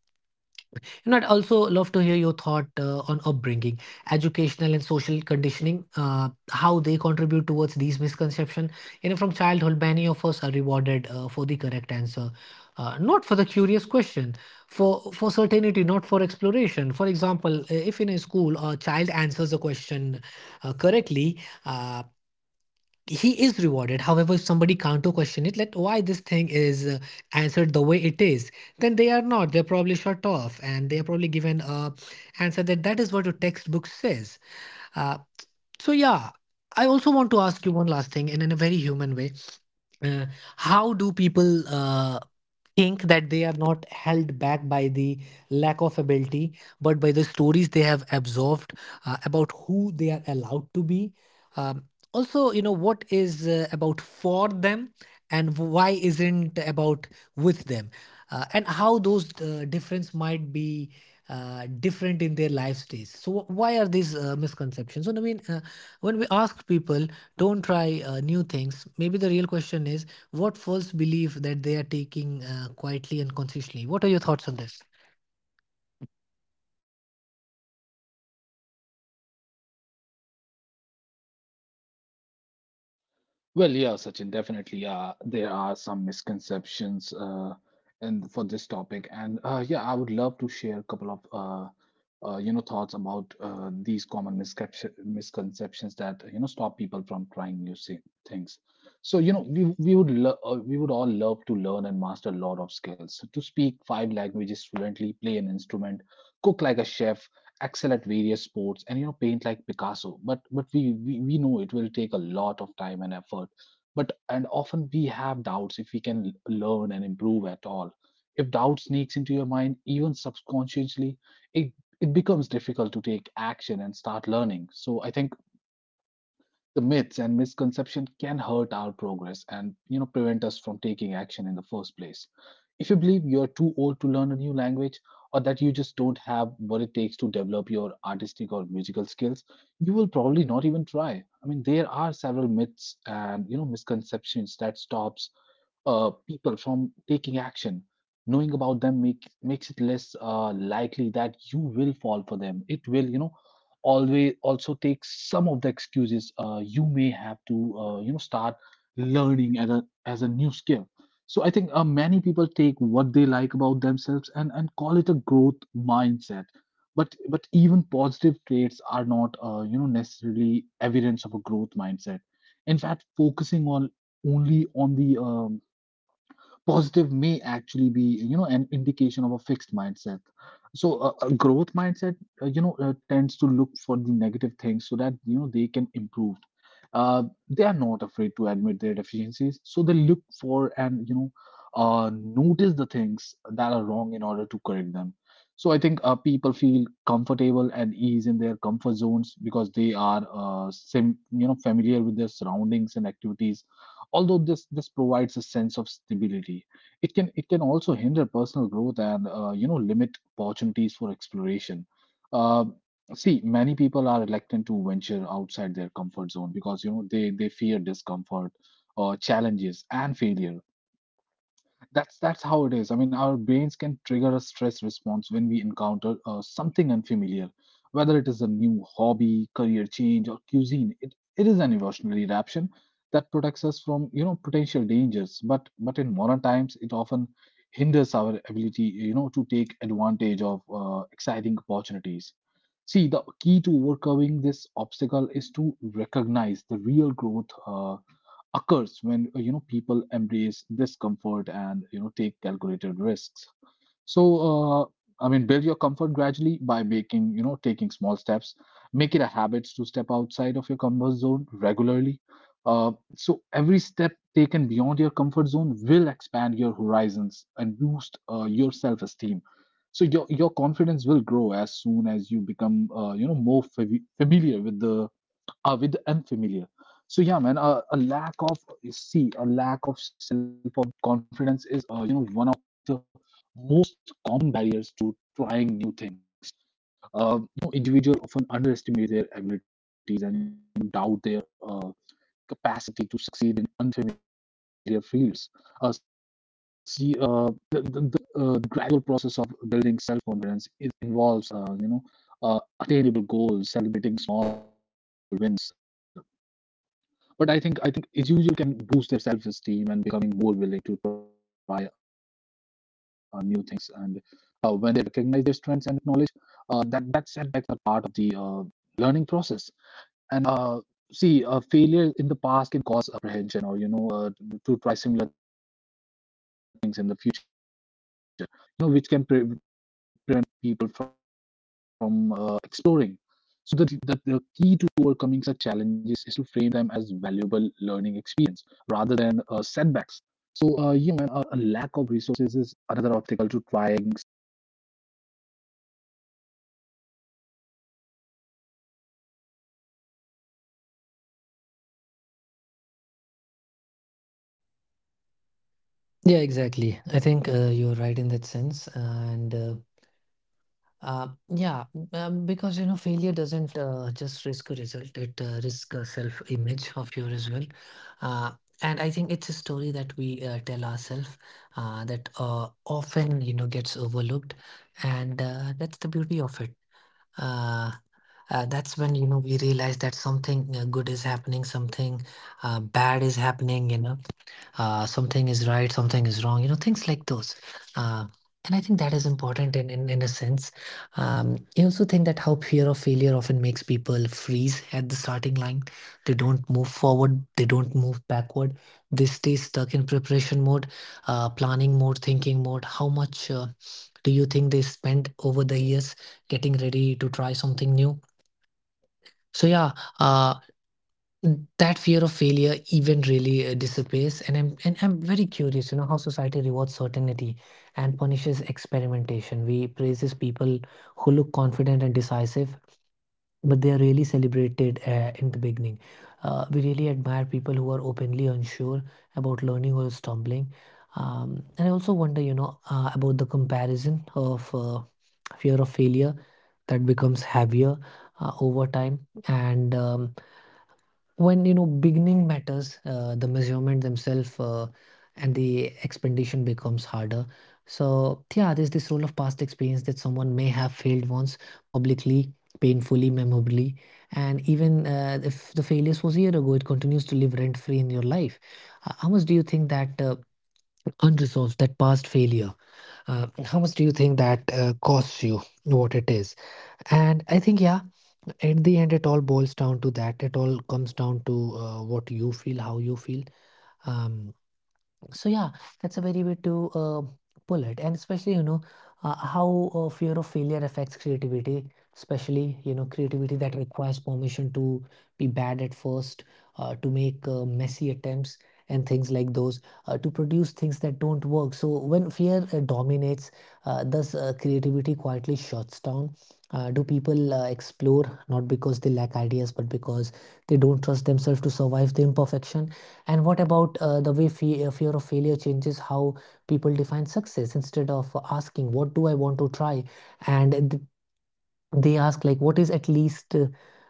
[SPEAKER 1] You know, I'd also love to hear your thought on upbringing, educational and social conditioning, how they contribute towards these misconceptions. You know, from childhood, many of us are rewarded for the correct answer, not for the curious question, for certainty, not for exploration. For example, if in a school a child answers a question correctly, uh, he is rewarded. However, if somebody can't question it, like why this thing is answered the way it is, then they are not, they're probably shut off, and they are probably given a answer that is what a textbook says. uh, so yeah, I also want to ask you one last thing, and in a very human way, uh, how do people think that they are not held back by the lack of ability, but by the stories they have absorbed about who they are allowed to be? Um, Also, what is about for them and why isn't about with them, and how those difference might be. Different in their life stages. So, why are these misconceptions? So, I mean, when we ask people, don't try new things, maybe the real question is what false belief that they are taking quietly and consciously. What are your thoughts on this?
[SPEAKER 2] Well, yeah, Sachin, definitely. There are some misconceptions and for this topic, and yeah, I would love to share a couple of thoughts about these common misconceptions that stop people from trying new things. So you know, we would all love to learn and master a lot of skills. To speak five languages fluently, play an instrument, cook like a chef, excel at various sports, and you know, paint like Picasso. But we, we know it will take a lot of time and effort, but and often we have doubts if we can learn and improve at all. If doubt sneaks into your mind, even subconsciously, it it becomes difficult to take action and start learning. So I think the myths and misconception can hurt our progress and you know prevent us from taking action in the first place. If you believe you're too old to learn a new language, or that you just don't have what it takes to develop your artistic or musical skills, you will probably not even try. I mean, there are several myths and you know misconceptions that stops people from taking action. Knowing about them makes it less likely that you will fall for them. It will, you know, always also take some of the excuses. You may have to, start learning as a new skill. So I think many people take what they like about themselves and call it a growth mindset. But even positive traits are not, necessarily evidence of a growth mindset. In fact, focusing on only on the positive may actually be you know an indication of a fixed mindset. So a growth mindset tends to look for the negative things so that you know they can improve. uh, they are not afraid to admit their deficiencies, so they look for and you know notice the things that are wrong in order to correct them. So I think people feel comfortable and ease in their comfort zones because they are familiar with their surroundings and activities. Although this provides a sense of stability, it can also hinder personal growth and limit opportunities for exploration. Um See, many people are reluctant to venture outside their comfort zone because you know they fear discomfort or challenges and failure. That's how it is. I mean, our brains can trigger a stress response when we encounter something unfamiliar, whether it is a new hobby, career change, or cuisine. It is an evolutionary reaction that protects us from you know potential dangers. But in modern times, it often hinders our ability you know to take advantage of exciting opportunities. See, the key to overcoming this obstacle is to recognize the real growth occurs when people embrace discomfort and you know take calculated risks. So, I mean, build your comfort gradually by making, you know, taking small steps. Make it a habit to step outside of your comfort zone regularly. So, every step taken beyond your comfort zone will expand your horizons and boost your self esteem. So, your confidence will grow as soon as you become, more familiar with the with the unfamiliar. So yeah, man, a lack of self confidence is one of the most common barriers to trying new things. Individuals often underestimate their abilities and you know doubt their capacity to succeed in unfamiliar fields. See, the the, the gradual process of building self confidence is involves uh, attainable goals, celebrating small wins, but I think individual can boost their self-esteem and becoming more willing to try new things, and when they recognize their strengths and acknowledge that setbacks are part of the learning process. And see, a failure in the past can cause apprehension or you know to try similar things in the future, you know, which can prevent people from exploring. So the key to overcoming such challenges is to frame them as valuable learning experience rather than setbacks. So you know and a lack of resources is another obstacle to trying something new. See, resources can be material, such as finances, tools, or equipment, or you know emotional, such as support and confidence. But the risk of not getting
[SPEAKER 1] Yeah,
[SPEAKER 2] a return
[SPEAKER 1] exactly.
[SPEAKER 2] from an
[SPEAKER 1] I think
[SPEAKER 2] investment is
[SPEAKER 1] you're
[SPEAKER 2] one
[SPEAKER 1] right
[SPEAKER 2] of the
[SPEAKER 1] in that
[SPEAKER 2] major
[SPEAKER 1] sense.
[SPEAKER 2] reasons people
[SPEAKER 1] And uh,
[SPEAKER 2] hesitate to try something new.
[SPEAKER 1] Uh, yeah,
[SPEAKER 2] But
[SPEAKER 1] because
[SPEAKER 2] I would
[SPEAKER 1] failure
[SPEAKER 2] say
[SPEAKER 1] doesn't
[SPEAKER 2] explore cost
[SPEAKER 1] just risk a
[SPEAKER 2] effective
[SPEAKER 1] result, it
[SPEAKER 2] alternatives or you know
[SPEAKER 1] risks a
[SPEAKER 2] seek
[SPEAKER 1] self-image
[SPEAKER 2] financial
[SPEAKER 1] of you
[SPEAKER 2] assistance
[SPEAKER 1] as
[SPEAKER 2] to
[SPEAKER 1] well.
[SPEAKER 2] overcome this
[SPEAKER 1] Uh,
[SPEAKER 2] barrier.
[SPEAKER 1] and I think
[SPEAKER 2] You
[SPEAKER 1] it's a
[SPEAKER 2] should you
[SPEAKER 1] story
[SPEAKER 2] know
[SPEAKER 1] that we
[SPEAKER 2] trying new
[SPEAKER 1] tell
[SPEAKER 2] things
[SPEAKER 1] ourselves
[SPEAKER 2] without a significant fi-
[SPEAKER 1] that
[SPEAKER 2] financial burden
[SPEAKER 1] often,
[SPEAKER 2] can be
[SPEAKER 1] gets
[SPEAKER 2] achieved by
[SPEAKER 1] overlooked.
[SPEAKER 2] a
[SPEAKER 1] And
[SPEAKER 2] creative
[SPEAKER 1] that's the
[SPEAKER 2] solution,
[SPEAKER 1] beauty of
[SPEAKER 2] such
[SPEAKER 1] it.
[SPEAKER 2] as joining
[SPEAKER 1] Uh,
[SPEAKER 2] community
[SPEAKER 1] that's when
[SPEAKER 2] groups, I
[SPEAKER 1] we
[SPEAKER 2] guess.
[SPEAKER 1] realize that
[SPEAKER 2] So yeah,
[SPEAKER 1] something
[SPEAKER 2] man. I mean,
[SPEAKER 1] good is
[SPEAKER 2] while
[SPEAKER 1] happening,
[SPEAKER 2] phase
[SPEAKER 1] something
[SPEAKER 2] factors prevent us from
[SPEAKER 1] bad
[SPEAKER 2] trying
[SPEAKER 1] is
[SPEAKER 2] new things,
[SPEAKER 1] happening,
[SPEAKER 2] they are not,
[SPEAKER 1] something is right,
[SPEAKER 2] different.
[SPEAKER 1] something is wrong, things
[SPEAKER 2] Overcoming
[SPEAKER 1] like
[SPEAKER 2] these
[SPEAKER 1] those. Uh,
[SPEAKER 2] obstacles
[SPEAKER 1] and I
[SPEAKER 2] allow
[SPEAKER 1] think
[SPEAKER 2] us
[SPEAKER 1] that
[SPEAKER 2] to
[SPEAKER 1] is
[SPEAKER 2] reach,
[SPEAKER 1] important in, in,
[SPEAKER 2] our
[SPEAKER 1] in a
[SPEAKER 2] full
[SPEAKER 1] sense.
[SPEAKER 2] potential and you know
[SPEAKER 1] I also
[SPEAKER 2] lead
[SPEAKER 1] think
[SPEAKER 2] more
[SPEAKER 1] that how fear of failure
[SPEAKER 2] fulfilling
[SPEAKER 1] often makes
[SPEAKER 2] lives. And, you
[SPEAKER 1] people
[SPEAKER 2] know, that
[SPEAKER 1] freeze
[SPEAKER 2] filled
[SPEAKER 1] at
[SPEAKER 2] with
[SPEAKER 1] the starting line. They
[SPEAKER 2] exploration and of
[SPEAKER 1] don't move
[SPEAKER 2] course the
[SPEAKER 1] forward,
[SPEAKER 2] personal
[SPEAKER 1] they
[SPEAKER 2] growth.
[SPEAKER 1] don't move
[SPEAKER 2] So yeah,
[SPEAKER 1] backward.
[SPEAKER 2] man.
[SPEAKER 1] They stay
[SPEAKER 2] By
[SPEAKER 1] stuck in
[SPEAKER 2] adopting these
[SPEAKER 1] preparation mode,
[SPEAKER 2] strategies, we open ourselves
[SPEAKER 1] planning
[SPEAKER 2] up
[SPEAKER 1] mode,
[SPEAKER 2] to a
[SPEAKER 1] thinking mode.
[SPEAKER 2] world,
[SPEAKER 1] How much
[SPEAKER 2] world
[SPEAKER 1] do
[SPEAKER 2] of
[SPEAKER 1] you think they
[SPEAKER 2] exciting
[SPEAKER 1] spent over
[SPEAKER 2] possibilities
[SPEAKER 1] the
[SPEAKER 2] and
[SPEAKER 1] years getting
[SPEAKER 2] endless
[SPEAKER 1] ready to try
[SPEAKER 2] opportunities
[SPEAKER 1] something
[SPEAKER 2] for
[SPEAKER 1] new?
[SPEAKER 2] the personal growth.
[SPEAKER 1] So, yeah,
[SPEAKER 2] So yeah,
[SPEAKER 1] uh,
[SPEAKER 2] Sachin.
[SPEAKER 1] that fear of failure even really disappears, and I'm very curious, you know, how society rewards certainty and punishes experimentation. We praises people who look confident and decisive, but they are really celebrated in the beginning. We really admire people who are openly unsure about learning or stumbling. And I also wonder, you know, about the comparison of fear of failure that becomes heavier over time. And when, you know, beginning matters, the measurement themselves, and the expectation becomes harder. So, yeah, there's this role of past experience, that someone may have failed once, publicly, painfully, memorably. And even if the failures was a year ago, it continues to live rent free in your life. How much do you think that unresolved, that past failure, how much do you think that costs you, what it is? And I think, yeah, at the end, it all boils down to that. It all comes down to what you feel, how you feel. Um, so, yeah, that's a very way to pull it, and especially, you know, how fear of failure affects creativity. Especially, you know, creativity that requires permission to be bad at first, to make messy attempts and things like those, to produce things that don't work. So when fear dominates, thus creativity quietly shuts down. Do people explore not because they lack ideas, but because they don't trust themselves to survive the imperfection? And what about the way fear of failure changes how people define success? Instead of asking, "What do I want to try?" and they ask like, what is at least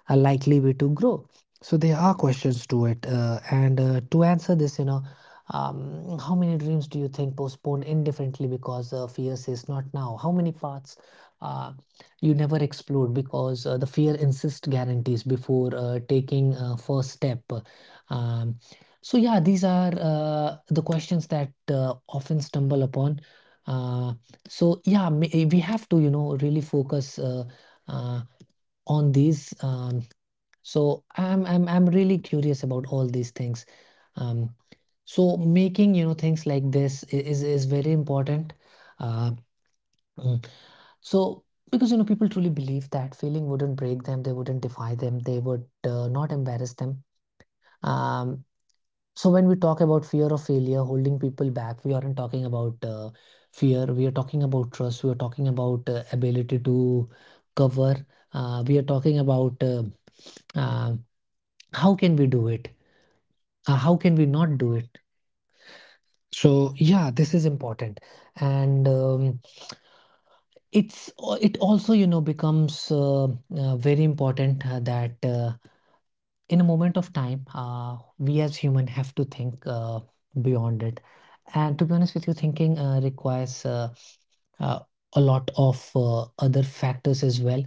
[SPEAKER 1] a likely way to grow. So there are questions to it, and to answer this, you know, How many dreams do you think postponed indefinitely because fear says not now? How many paths uh, you never explored because the fear insists guarantees before taking first step? Um, so, yeah, these are the questions that often stumble upon. Uh, so, yeah, we have to, you know, really focus uh, on these. So I'm really curious about all these things. Um, so making, you know, things like this is very important. Uh, mm, so because, you know, people truly believe that failing wouldn't break them, they wouldn't defy them, they would not embarrass them. Um, so when we talk about fear of failure holding people back, we aren't talking about fear. We are talking about trust. We are talking about ability to cover. We are talking about uh, how can we do it, how can we not do it. So, yeah, this is important. And it's, it also, you know, becomes very important that in a moment of time we as human have to think beyond it. And to be honest with you, thinking requires uh, a lot of other factors as well.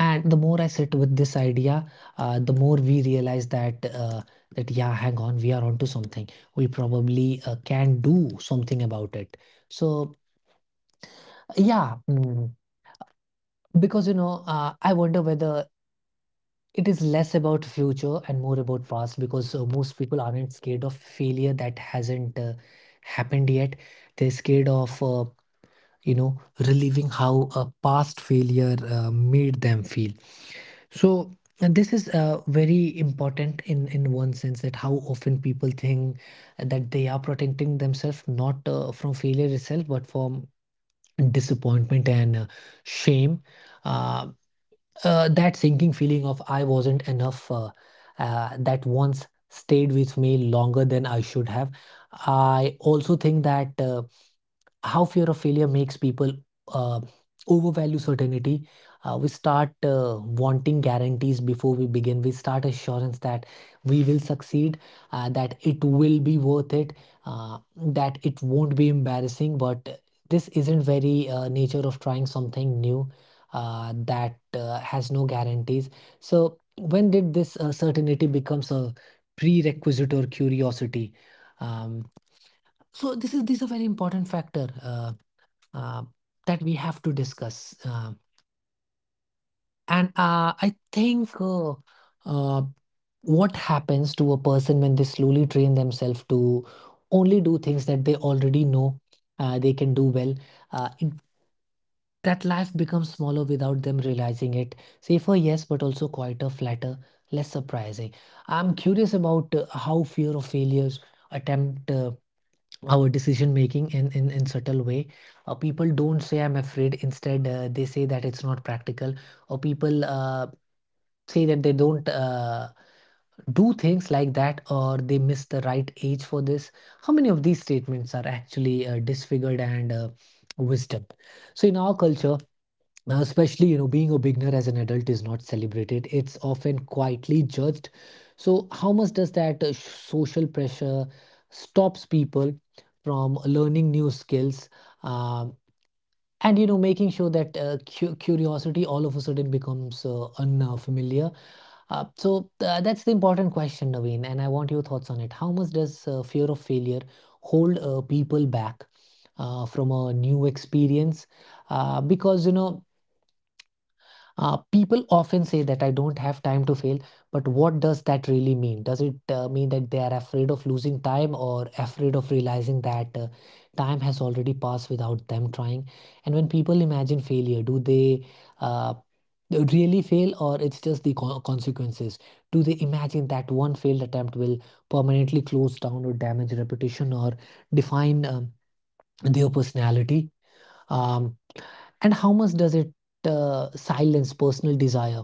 [SPEAKER 1] And the more I sit with this idea, the more we realize that that yeah, hang on, we are onto something, we probably can do something about it. So, yeah. Because, you know, I wonder whether it is less about future and more about past, because most people aren't scared of failure that hasn't happened yet. They're scared of you know, relieving how a past failure made them feel. So, and this is very important in one sense, that how often people think that they are protecting themselves, not from failure itself, but from disappointment and shame. Uh, that sinking feeling of, "I wasn't enough," that once stayed with me longer than I should have. I also think that. How fear of failure makes people uh, overvalue certainty. We start wanting guarantees before we begin. We start assurance that we will succeed, that it will be worth it, that it won't be embarrassing. But this isn't very nature of trying something new that has no guarantees. So when did this certainty becomes a prerequisite or curiosity? Um, so this is, this is a very important factor. Uh, that we have to discuss. And I think uh, what happens to a person when they slowly train themselves to only do things that they already know they can do well, uh, it, that life becomes smaller without them realizing it. Safer, yes, but also quieter, flatter, less surprising. I'm curious about how fear of failures attempt. Our decision making in, in subtle way. People don't say, "I'm afraid," instead they say that it's not practical, or people say that they don't do things like that, or they miss the right age for this. How many of these statements are actually disfigured and wisdom? So in our culture now, especially, you know, being a beginner as an adult is not celebrated. It's often quietly judged. So, how much does that social pressure stops people from learning new skills? Um, and you know, making sure that curiosity all of a sudden becomes unfamiliar. That's the important question, Naveen, and I want your thoughts on it. How much does fear of failure hold people back from a new experience? Because you know, people often say that, "I don't have time to fail," but what does that really mean? Does it mean that they are afraid of losing time, or afraid of realizing that time has already passed without them trying? And when people imagine failure, do they uh, really fail, or it's just the consequences? Do they imagine that one failed attempt will permanently close down or damage reputation, or define their personality? Um, and how much does it silence personal desire,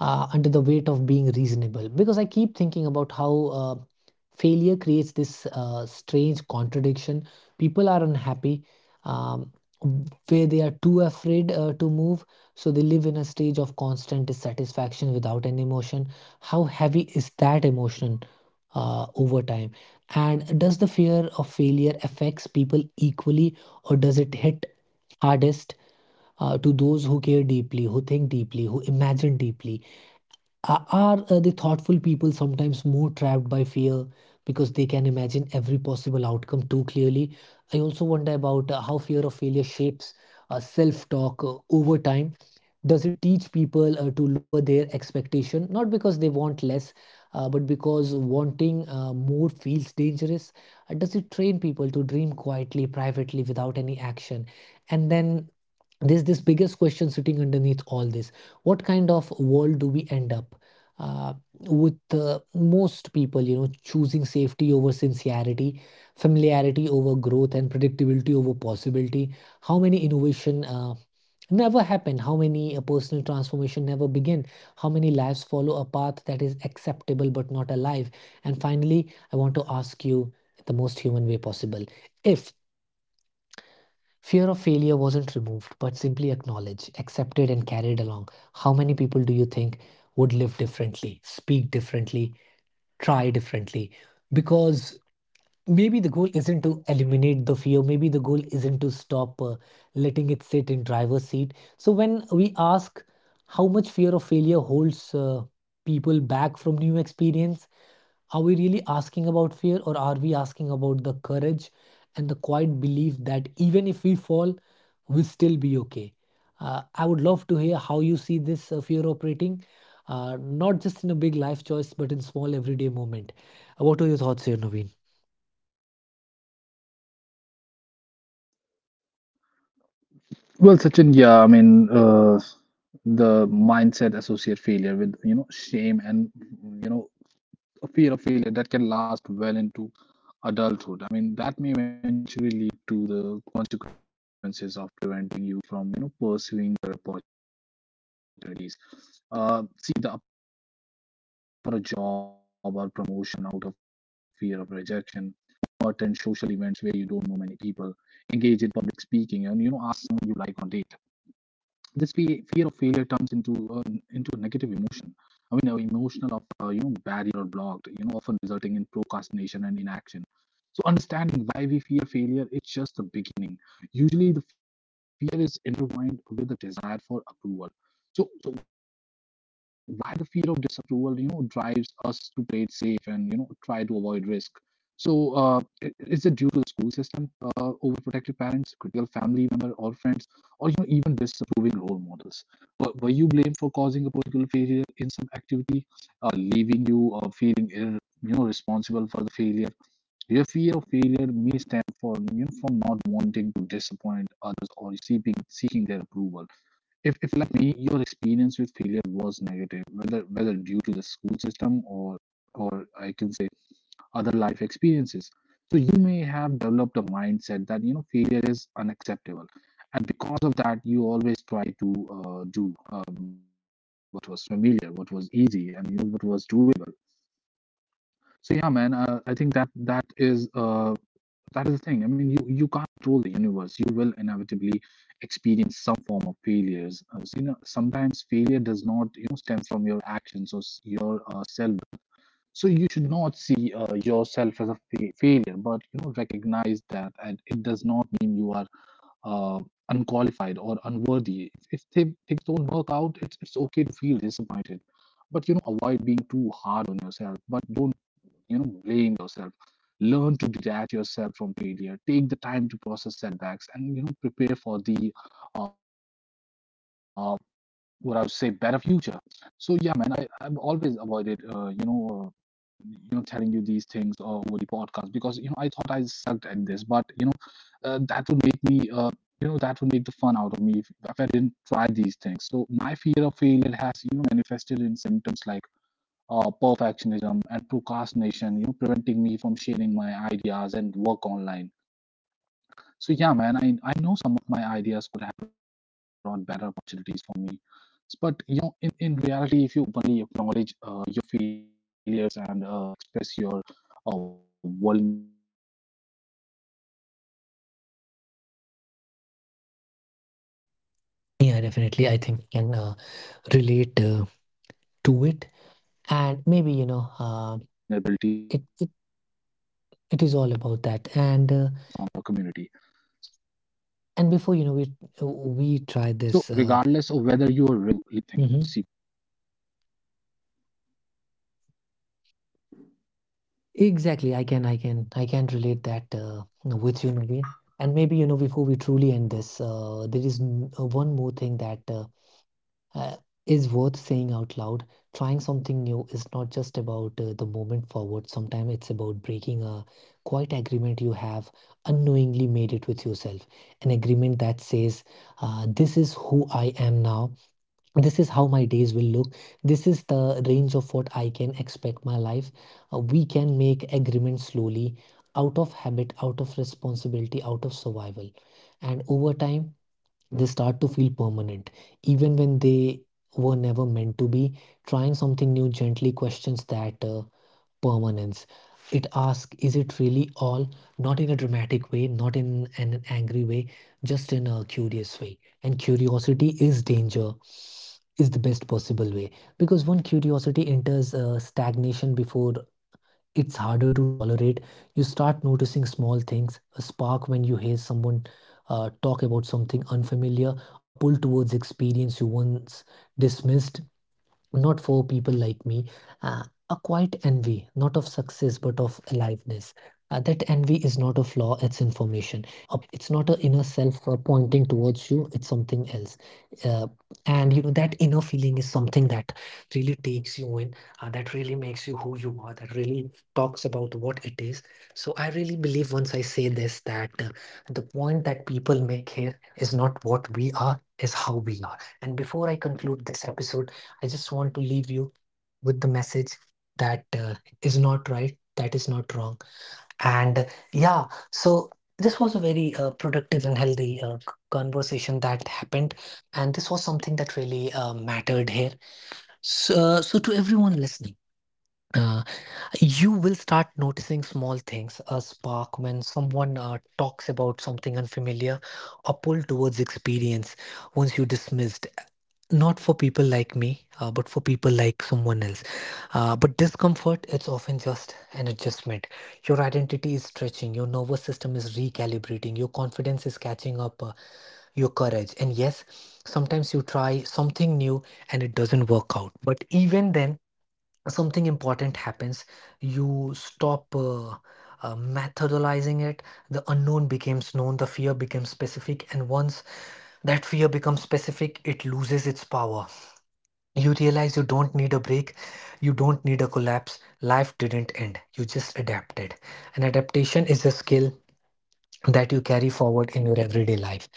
[SPEAKER 1] under the weight of being reasonable? Because I keep thinking about how uh, failure creates this strange contradiction. People are unhappy, um, where they are too afraid to move, so they live in a stage of constant dissatisfaction without any emotion. How heavy is that emotion over time? And does the fear of failure affects people equally, or does it hit hardest to those who care deeply, who think deeply, who imagine deeply? Are the thoughtful people sometimes more trapped by fear because they can imagine every possible outcome too clearly? I also wonder about how fear of failure shapes self-talk over time. Does it teach people to lower their expectation, not because they want less, but because wanting more feels dangerous? Does it train people to dream quietly, privately, without any action? And then there's this biggest question sitting underneath all this: what kind of world do we end up uh, with, most people, you know, choosing safety over sincerity, familiarity over growth, and predictability over possibility? How many innovation never happen, how many personal transformation never begin, how many lives follow a path that is acceptable but not alive? And finally, I want to ask you, the most human way possible, if fear of failure wasn't removed, but simply acknowledged, accepted, and carried along. How many people do you think would live differently, speak differently, try differently? Because maybe the goal isn't to eliminate the fear, maybe the goal isn't to stop letting it sit in driver's seat. So when we ask how much fear of failure holds people back from new experience, are we really asking about fear, or are we asking about the courage and the quiet belief that even if we fall, we'll still be okay? I would love to hear how you see this fear operating, not just in a big life choice, but in small everyday moment. What are your thoughts here, Naveen? Yeah, definitely. I think I can relate to it, and maybe, you know, it, it it is all about that. And before, you know, we try this. Exactly. I can relate that with you, Naveen. And maybe, you know, before we truly end this, there is one more thing that uh, is worth saying out loud. Trying something new is not just about the moment forward. Sometimes it's about breaking a quiet agreement you have unknowingly made it with yourself. An agreement that says, "This is who I am now. This is how my days will look. This is the range of what I can expect my life." We can make agreements slowly, out of habit, out of responsibility, out of survival. And over time, they start to feel permanent, even when they were never meant to be. Trying something new gently questions that permanence. It asks, is it really all? Not in a dramatic way, not in an angry way, just in a curious way. And curiosity is danger, is the best possible way. Because when curiosity enters stagnation before it's harder to tolerate, you start noticing small things, a spark when you hear someone talk about something unfamiliar, a pull towards experience you once dismissed not for people like me, uh, a quiet envy, not of success but of aliveness. That envy is not a flaw, it's information. It's not a inner self pointing towards you, it's something else. Uh, that inner feeling is something that really takes you in, that really makes you who you are, that really talks about what it is. So, I really believe once I say this that the point that people make here is not what we are, is how we are. And before I conclude this episode, I just want to leave you with the message that is not right, that is not wrong. And yeah, so This was a very productive and healthy conversation that happened. And this was something that really mattered here. So, to everyone listening, uh, you will start noticing small things, a spark when someone talks about something unfamiliar, a pull towards experience once you dismissed, not for people like me, but for people like someone else. But discomfort, it's often just an adjustment. Your identity is stretching, your nervous system is recalibrating, your confidence is catching up, your courage. And yes, sometimes you try something new and it doesn't work out. But even then, something important happens. You stop methodolizing it. The unknown becomes known, the fear becomes specific, and once that fear becomes specific it loses its power. You realize you don't need a break, you don't need a collapse. Life didn't end, you just adapted, and adaptation is a skill that you carry forward in your everyday life.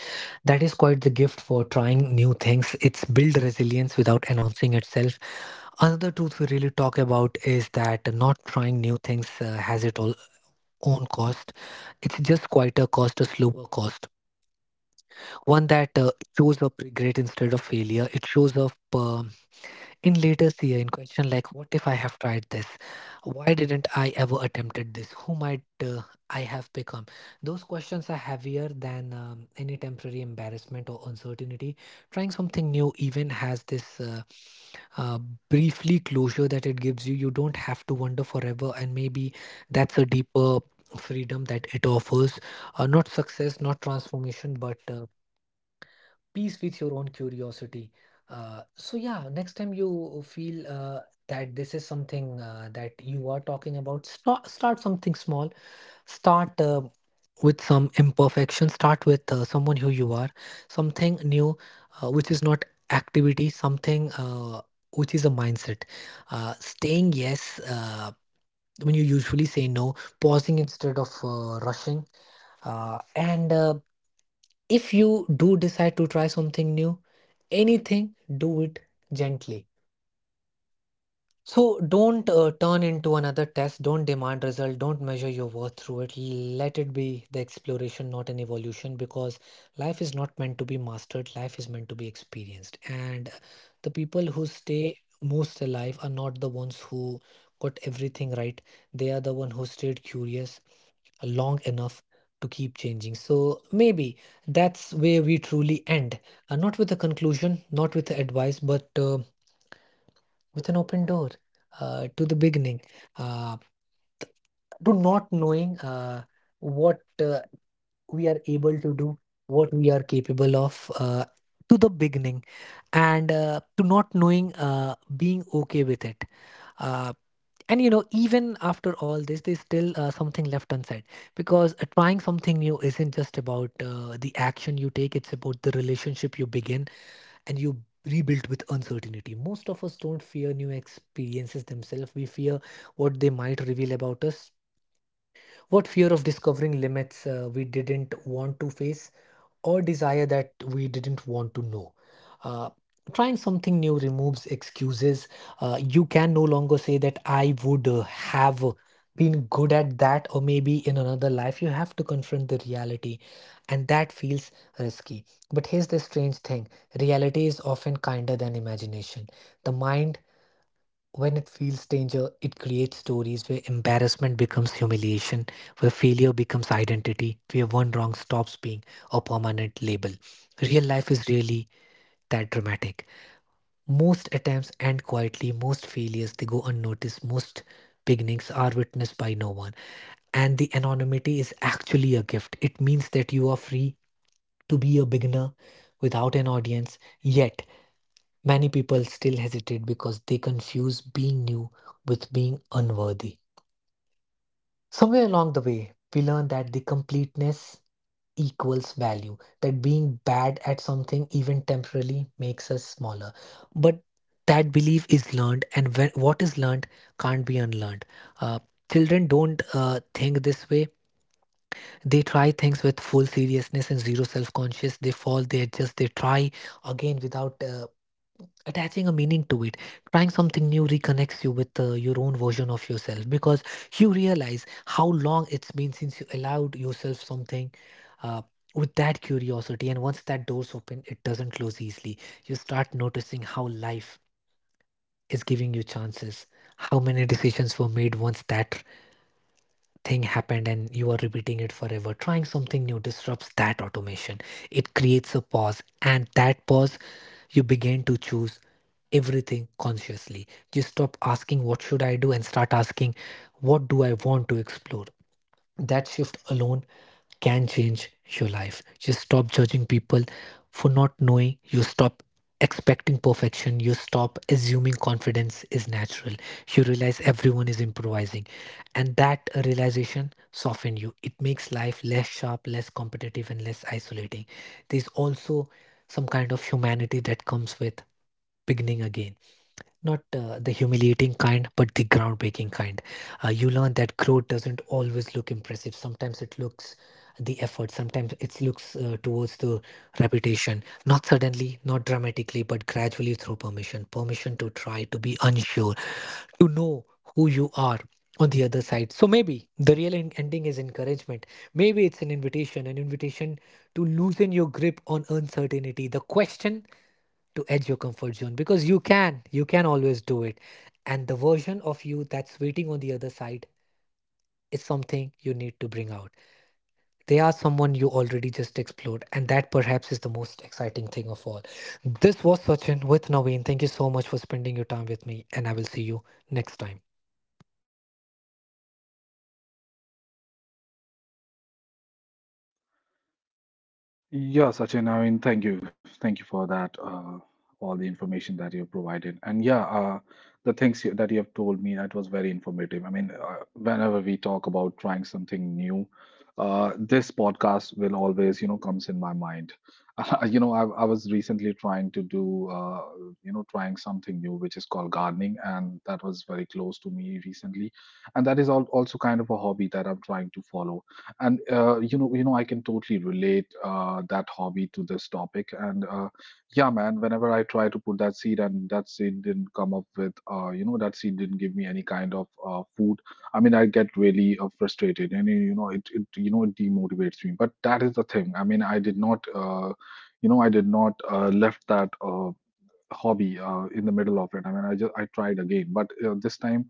[SPEAKER 1] That is quite the gift for trying new things. It's build resilience without announcing itself. Another truth we really talk about is that not trying new things has its all own cost. It's just quite a cost, a slower cost. One that shows up regret instead of failure. It shows up in later fear, in question like, what if I have tried this, why didn't I ever attempted this, who might I have become. Those questions are heavier than any temporary embarrassment or uncertainty. Trying something new even has this uh, briefly closure that it gives you. You don't have to wonder forever, and maybe that's a deeper freedom that it offers, not success, not transformation, but peace with your own curiosity. So yeah, next time you feel that this is something that you are talking about, start something small. Start with some imperfection. Start with someone who you are, something new, which is not activity, something which is a mindset. Staying yes when you usually say no, pausing instead of rushing, and if you do decide to try something new, anything, do it gently. So don't turn into another test, don't demand result, don't measure your worth through it. Let it be the exploration, not an evolution, because life is not meant to be mastered, life is meant to be experienced. And the people who stay most alive are not the ones who got everything right. They are the one who stayed curious, long enough to keep changing. So maybe that's where we truly end. Not with a conclusion, not with advice, but with an open door, to the beginning, uh, to not knowing what uh, we are able to do, what we are capable of. To the beginning, and to not knowing, being okay with it. Uh, and you know Even after all this there's still something left unsaid, because trying something new isn't just about the action you take, it's about the relationship you begin and you rebuild with uncertainty. Most of us don't fear new experiences themselves, we fear what they might reveal about us, what fear of discovering limits we didn't want to face, or desire that we didn't want to know. Uh, trying something new removes excuses. You can no longer say that I would have been good at that, or maybe in another life. You have to confront the reality, and that feels risky. But here's the strange thing, reality is often kinder than imagination. The mind, when it feels danger, it creates stories where embarrassment becomes humiliation, where failure becomes identity, where one wrong stops being a permanent label. Real life is really that dramatic. Most attempts end quietly, most failures they go unnoticed, most beginnings are witnessed by no one. And the anonymity is actually a gift. It means that you are free to be a beginner without an audience, yet many people still hesitate because they confuse being new with being unworthy. Somewhere along the way, we learn that the completeness equals value, that being bad at something, even temporarily, makes us smaller. But that belief is learned, and when, what is learned can't be unlearned. Uh, Children don't think this way. They try things with full seriousness and zero self conscious. They fall, they adjust, they try again without. Attaching a meaning to it, trying something new reconnects you with your own version of yourself, because you realize how long it's been since you allowed yourself something uh, with that curiosity. And once that door's open it doesn't close easily. You start noticing how life is giving you chances, how many decisions were made once that thing happened and you are repeating it forever. Trying something new disrupts that automation. It creates a pause, and that pause, you begin to choose everything consciously. You stop asking, what should I do? And start asking, what do I want to explore? That shift alone can change your life. You stop judging people for not knowing. You stop expecting perfection. You stop assuming confidence is natural. You realize everyone is improvising. And that realization softens you. It makes life less sharp, less competitive, and less isolating. There's also some kind of humanity that comes with beginning again, not the humiliating kind, but the groundbreaking kind. You learn that growth doesn't always look impressive. Sometimes it looks the effort, sometimes it looks towards the reputation. Not suddenly, not dramatically, but gradually through permission. Permission to try, to be unsure, to know who you are on the other side. So maybe the real ending is encouragement. Maybe it's an invitation to loosen your grip on uncertainty. The question to edge your comfort zone, because you can always do it, and the version of you that's waiting on the other side is something you need to bring out. They are someone you already just explored, and that perhaps is the most exciting thing of all. This was Sachin with Naveen. Thank you so much for spending your time with me, and I will see you next time.